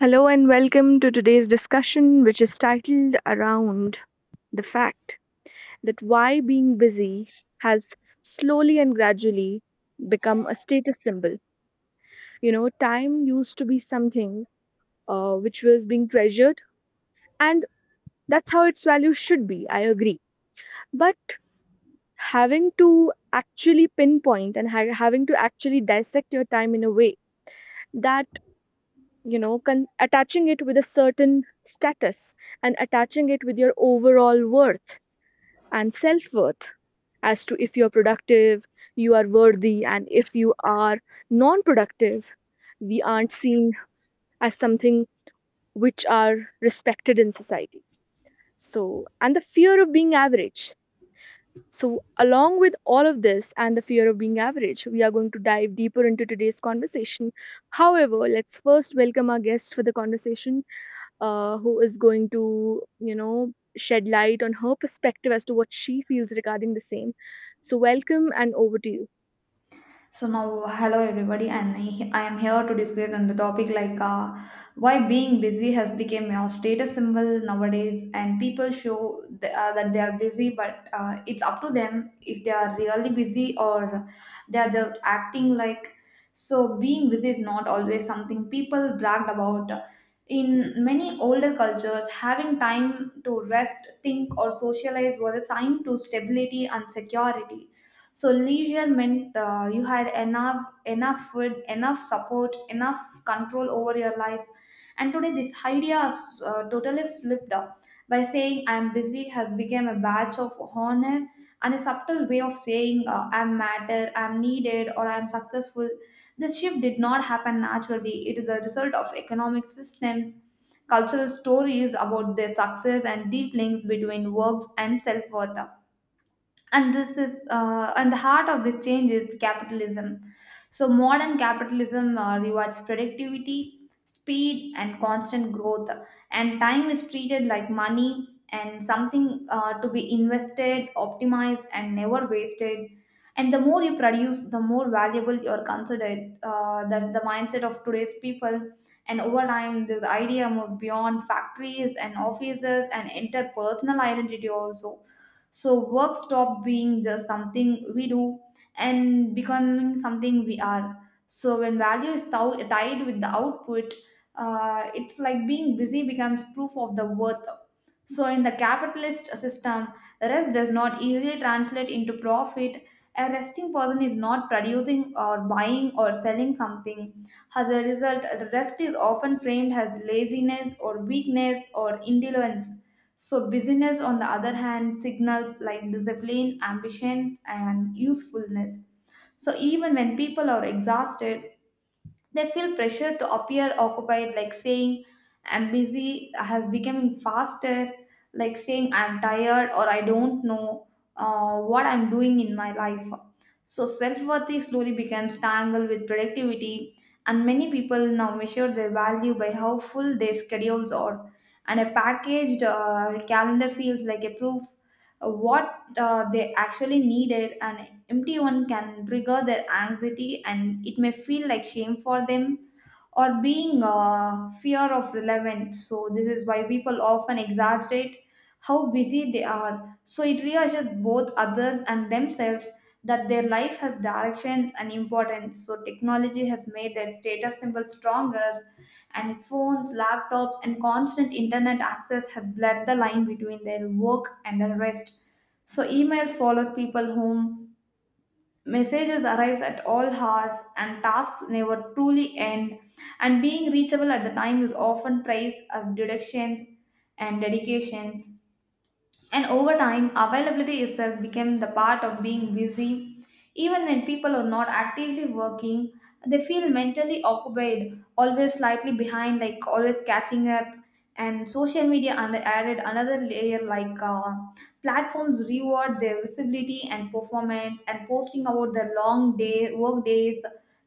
Hello and welcome to today's discussion, which is titled around the fact that why being busy has slowly and gradually become a status symbol. You know, time used to be something which was being treasured, and that's how its value should be. I agree. But having to actually pinpoint and having to actually dissect your time in a way that you know attaching it with a certain status, and attaching it with your overall worth and self-worth, as to if you're productive you are worthy, and if you are non-productive we aren't seen as something which are respected in society, so and the fear of being average. So along with all of this and the fear of being average, we are going to dive deeper into today's conversation. However, let's first welcome our guests for the conversation, who is going to you know shed light on her perspective as to what she feels regarding the same. So welcome, and over to you. So now, hello everybody, and I am here to discuss on the topic like why being busy has become a status symbol nowadays, and people show that they are busy, but it's up to them if they are really busy or they are just acting like. So being busy is not always something people bragged about. In many older cultures, having time to rest, think, or socialize was a sign to stability and security, so leisure meant you had enough food, enough support, enough control over your life. And today, this idea is totally flipped up by saying "I'm busy" has become a badge of honor and a subtle way of saying "I'm matter," "I'm needed," or "I'm successful." This shift did not happen naturally. It is a result of economic systems, cultural stories about their success, and deep links between works and self worth. And this is and the heart of this change is capitalism. So, modern capitalism rewards productivity, speed, and constant growth, and time is treated like money and something to be invested, optimized, and never wasted. And the more you produce, the more valuable you're considered. That's the mindset of today's people. And over time, this idea moved beyond factories and offices and entered personal identity also. So, work stopped being just something we do and becoming something we are. So when value is tied with the output, it's like being busy becomes proof of the worth. So in the capitalist system, rest does not easily translate into profit. A resting person is not producing or buying or selling something. As a result, rest is often framed as laziness or weakness or indolence. So, busyness, on the other hand, signals like discipline, ambitions, and usefulness. So even when people are exhausted, they feel pressure to appear occupied, like saying, I'm busy, has becoming faster, like saying, I'm tired, or I don't know what I'm doing in my life. So self worth slowly becomes tangled with productivity, and many people now measure their value by how full their schedules are. And a packaged calendar feels like a proof of what they actually needed, and empty one can trigger their anxiety and it may feel like shame for them or being fear of relevant. So this is why people often exaggerate how busy they are. So it reassures both others and themselves that their life has direction and importance. So technology has made their status symbol stronger, and phones, laptops and constant internet access has blurred the line between their work and their rest. So emails follows people home, messages arrives at all hours and tasks never truly end, and being reachable at the time is often praised as deductions and dedications, and over time, availability itself became the part of being busy. Even when people are not actively working, they feel mentally occupied, always slightly behind, like always catching up. And social media and added another layer like platforms reward their visibility and performance, and posting about their long day work days,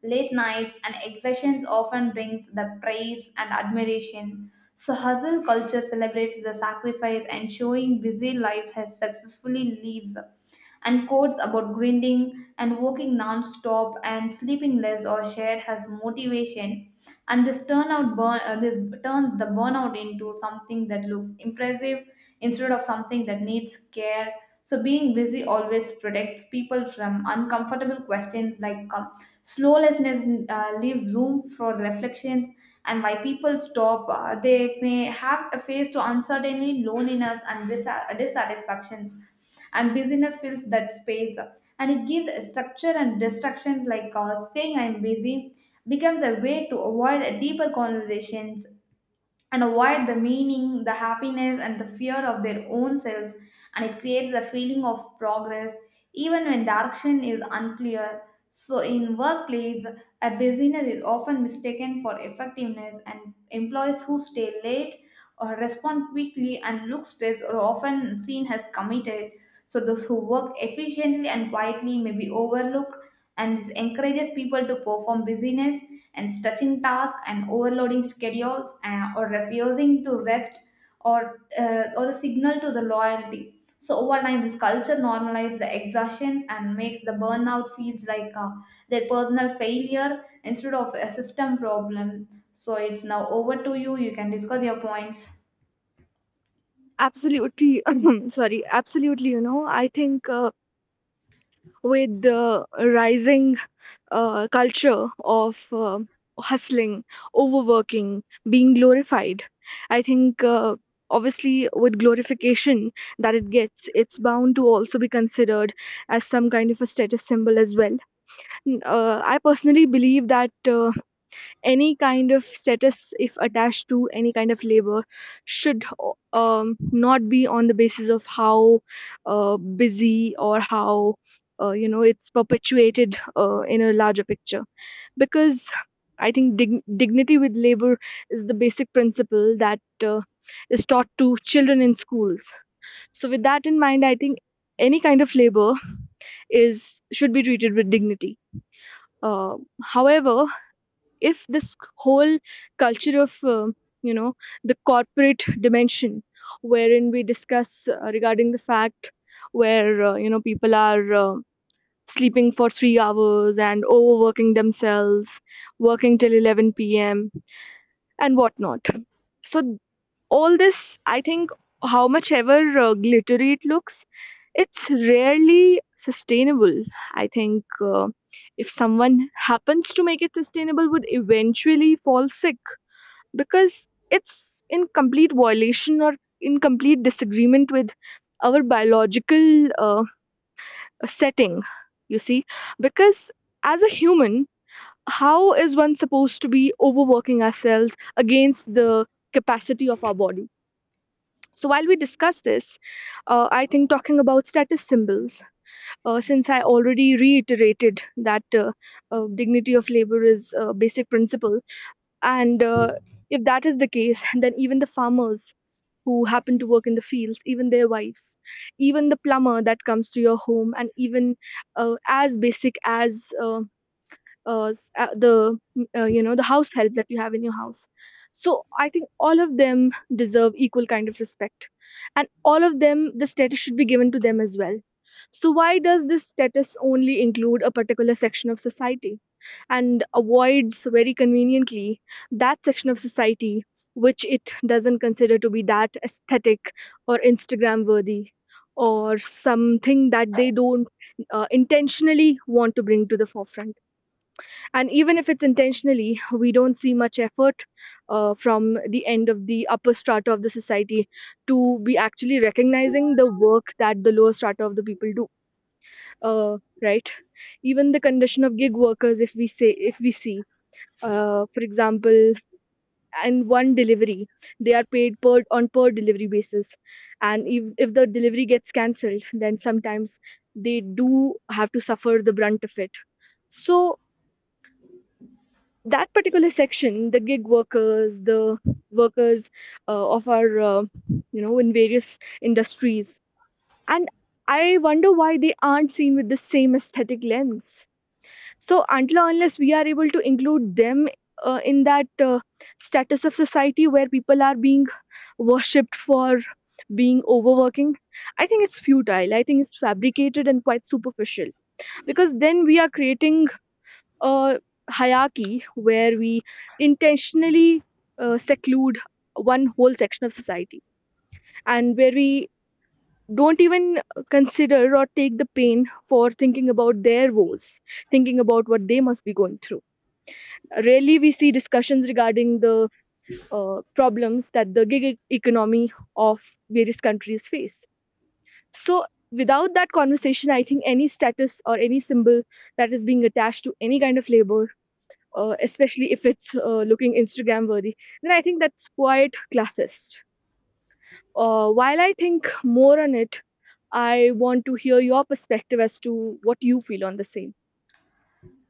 late nights, and exertions often brings the praise and admiration. So, hustle culture celebrates the sacrifice and showing busy lives has successfully lives, and quotes about grinding and working non-stop and sleeping less or shared as motivation. And this turns the burnout into something that looks impressive instead of something that needs care. So being busy always protects people from uncomfortable questions, like slowlessness leaves room for reflections. And why people stop they may have a face to uncertainty, loneliness and dissatisfactions, and busyness fills that space, and it gives a structure and distractions, like saying I'm busy becomes a way to avoid a deeper conversations and avoid the meaning, the happiness, and the fear of their own selves, and it creates a feeling of progress even when direction is unclear. So, in workplace, a busyness is often mistaken for effectiveness, and employees who stay late or respond quickly and look stressed are often seen as committed. So, those who work efficiently and quietly may be overlooked, and this encourages people to perform busyness and stretching tasks and overloading schedules, or refusing to rest or the signal to the loyalty. So over time this culture normalizes the exhaustion and makes the burnout feels like their personal failure instead of a system problem. So it's now over to you, you can discuss your points. Absolutely, sorry, absolutely. You know, I think with the rising culture of hustling, overworking, being glorified, I think obviously with glorification that it gets, it's bound to also be considered as some kind of a status symbol as well. I personally believe that any kind of status, if attached to any kind of labor, should not be on the basis of how busy or how you know it's perpetuated in a larger picture. Because I think dignity with labor is the basic principle that uh, is taught to children in schools. So with that in mind, I think any kind of labor is should be treated with dignity. Uh, however, if this whole culture of you know the corporate dimension, wherein we discuss regarding the fact where you know people are sleeping for 3 hours and overworking themselves, working till 11 p.m. and whatnot, so all this, I think, how much ever glittery it looks, it's rarely sustainable. I think if someone happens to make it sustainable would eventually fall sick, because it's in complete violation or in complete disagreement with our biological uh, setting, you see, because as a human, how is one supposed to be overworking ourselves against the capacity of our body. So while we discuss this, I think, talking about status symbols, since I already reiterated that dignity of labor is a basic principle. And if that is the case, then even the farmers who happen to work in the fields, even their wives, even the plumber that comes to your home, and even as basic as you know the house help that you have in your house. So I think all of them deserve equal kind of respect, and all of them the status should be given to them as well. So why does this status only include a particular section of society, and avoids very conveniently that section of society which it doesn't consider to be that aesthetic or Instagram worthy, or something that they don't intentionally want to bring to the forefront? And even if it's intentionally, we don't see much effort from the end of the upper strata of the society to be actually recognizing the work that the lower strata of the people do, right? Even the condition of gig workers, if we say, if we see, for example, and one delivery, they are paid per on per delivery basis, and if the delivery gets cancelled, then sometimes they do have to suffer the brunt of it. So that particular section, the gig workers, the workers of our you know in various industries, and I wonder why they aren't seen with the same aesthetic lens. So until or unless we are able to include them in that status of society where people are being worshipped for being overworking, I think it's futile, I think it's fabricated and quite superficial, because then we are creating a hierarchy where we intentionally seclude one whole section of society, and where we don't even consider or take the pain for thinking about their woes, thinking about what they must be going through. Rarely we see discussions regarding the problems that the gig economy of various countries face. So, without that conversation, I think any status or any symbol that is being attached to any kind of labor, especially if it's looking Instagram worthy, then I think that's quite classist. While I think more on it, I want to hear your perspective as to what you feel on the same.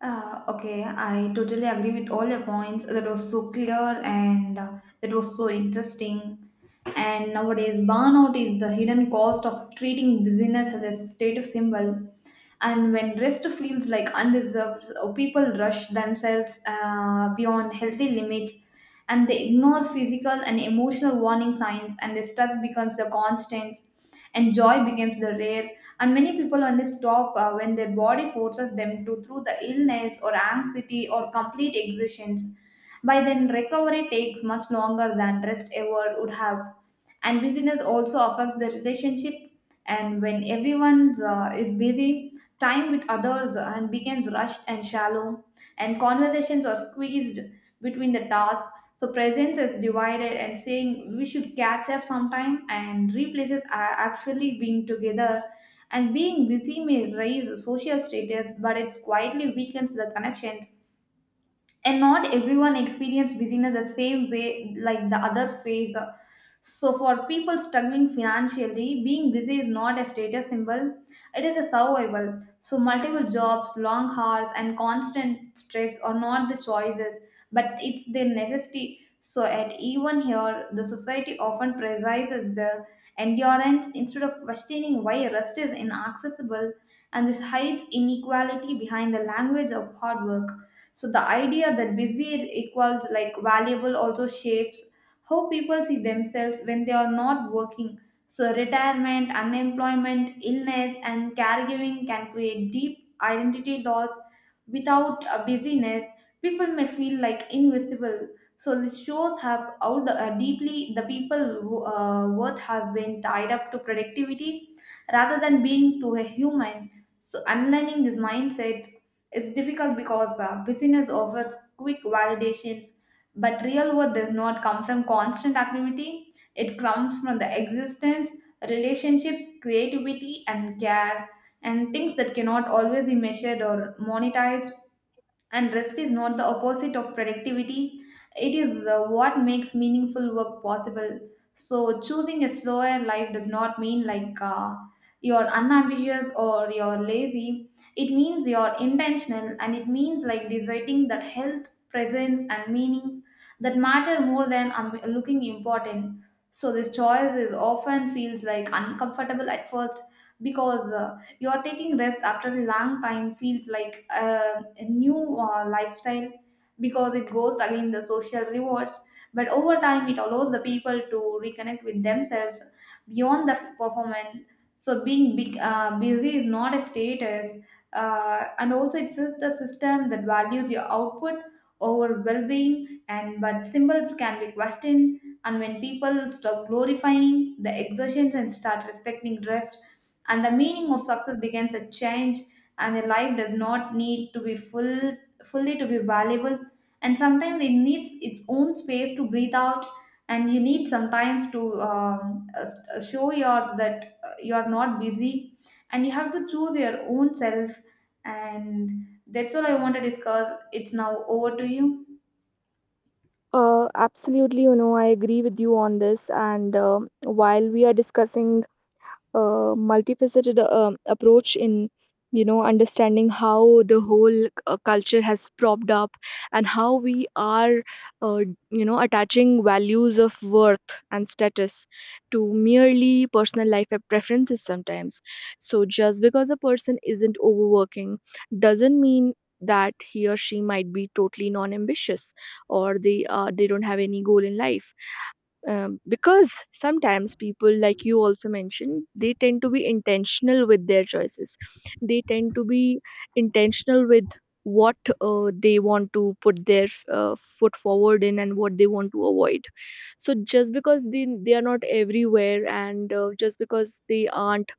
Okay, I totally agree with all your points. That was so clear and that was so interesting. And nowadays, burnout is the hidden cost of treating busyness as a status symbol. And when rest feels like undeserved, people rush themselves beyond healthy limits, and they ignore physical and emotional warning signs, and the stress becomes a constant and joy becomes the rare, and many people only stop when their body forces them to through the illness or anxiety or complete exertions. By then recovery takes much longer than rest ever would have. And busyness also affects the relationship, and when everyone is busy, time with others and becomes rushed and shallow, and conversations are squeezed between the tasks. So presence is divided and saying we should catch up sometime and replaces are actually being together, and being busy may raise social status but it quietly weakens the connections. And not everyone experience business the same way like the others face. So for people struggling financially, being busy is not a status symbol, it is a survival. So multiple jobs, long hours and constant stress are not the choices, but it's their necessity. So at even here the society often prioritizes the endurance instead of questioning why rest is inaccessible, and this hides inequality behind the language of hard work. So the idea that busy equals like valuable also shapes how people see themselves when they are not working. So retirement, unemployment, illness, and caregiving can create deep identity loss. Without a busyness, people may feel like invisible. So this shows how deeply the people who, worth has been tied up to productivity rather than being to a human. So unlearning this mindset it's difficult because business offers quick validations, but real worth does not come from constant activity. It comes from the existence, relationships, creativity, and care, and things that cannot always be measured or monetized, and rest is not the opposite of productivity, it is what makes meaningful work possible. So, choosing a slower life does not mean like you're unambitious or you're lazy. It means you're intentional and it means like deciding that health, presence, and meanings that matter more than looking important. So, this choice is often feels like uncomfortable at first because your taking rest after a long time feels like a new lifestyle because it goes against the social rewards. But over time, it allows the people to reconnect with themselves beyond the performance. So busy is not a status, and also it fits the system that values your output over well-being. And but symbols can be questioned, and when people stop glorifying the exertions and start respecting rest, and the meaning of success begins a change, and a life does not need to be full fully to be valuable, and sometimes it needs its own space to breathe out, and you need sometimes to show your that you are not busy, and you have to choose your own self. And that's all I want to discuss. It's now over to you. Absolutely, you know, I agree with you on this. And while we are discussing multifaceted approach in you know understanding how the whole culture has propped up, and how we are uh, you know attaching values of worth and status to merely personal life preferences sometimes. So just because a person isn't overworking doesn't mean that he or she might be totally non ambitious, or they don't have any goal in life. Because sometimes, people, like you also mentioned, they tend to be intentional with their choices, they tend to be intentional with what they want to put their foot forward in, and what they want to avoid. So just because they are not everywhere, and just because they aren't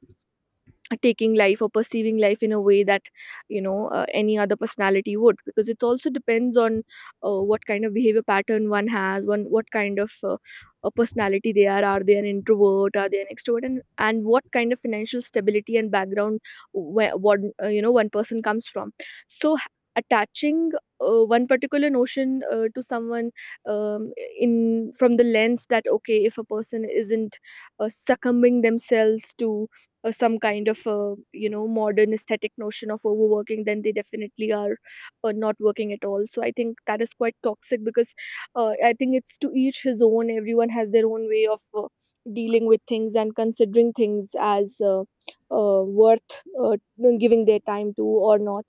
taking life or perceiving life in a way that you know any other personality would, because it also depends on what kind of behavior pattern one has, one what kind of a personality they are they an introvert, are they an extrovert, and what kind of financial stability and background where one you know one person comes from. So attaching one particular notion to someone, in from the lens that, okay, if a person isn't succumbing themselves to some kind of you know modern aesthetic notion of overworking, then they definitely are not working at all, so I think that is quite toxic, because I think it's to each his own, everyone has their own way of dealing with things and considering things as worth uh, giving their time to or not.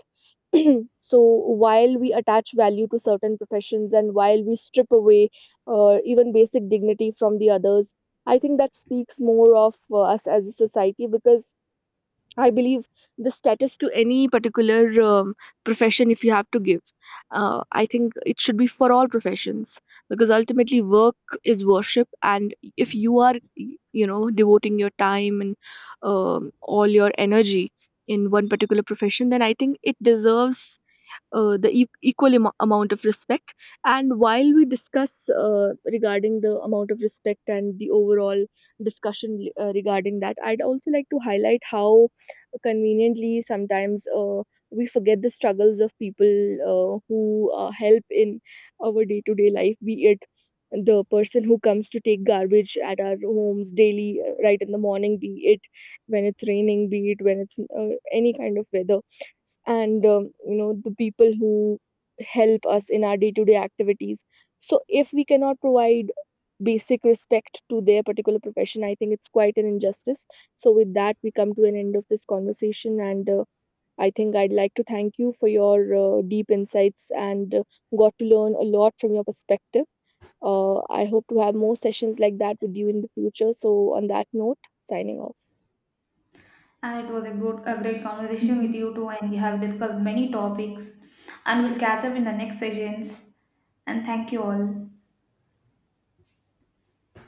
So while we attach value to certain professions, and while we strip away even basic dignity from the others, I think that speaks more of us as a society, because I believe the status to any particular profession, if you have to give, I think it should be for all professions, because ultimately work is worship, and if you are, you know, devoting your time and all your energy in one particular profession, then I think it deserves the equal amount of respect. And while we discuss regarding the amount of respect and the overall discussion regarding that, I'd also like to highlight how conveniently sometimes we forget the struggles of people who help in our day to day life, be it the person who comes to take garbage at our homes daily right in the morning, be it when it's raining, be it when it's any kind of weather, and you know the people who help us in our day-to-day activities. So if we cannot provide basic respect to their particular profession, I think it's quite an injustice. So with that, we come to an end of this conversation, and I think I'd like to thank you for your deep insights, and got to learn a lot from your perspective. I hope to have more sessions like that with you in the future, so on that note, signing off. And it was a good, a great conversation with you too, and we have discussed many topics. And we'll catch up in the next sessions. And thank you all.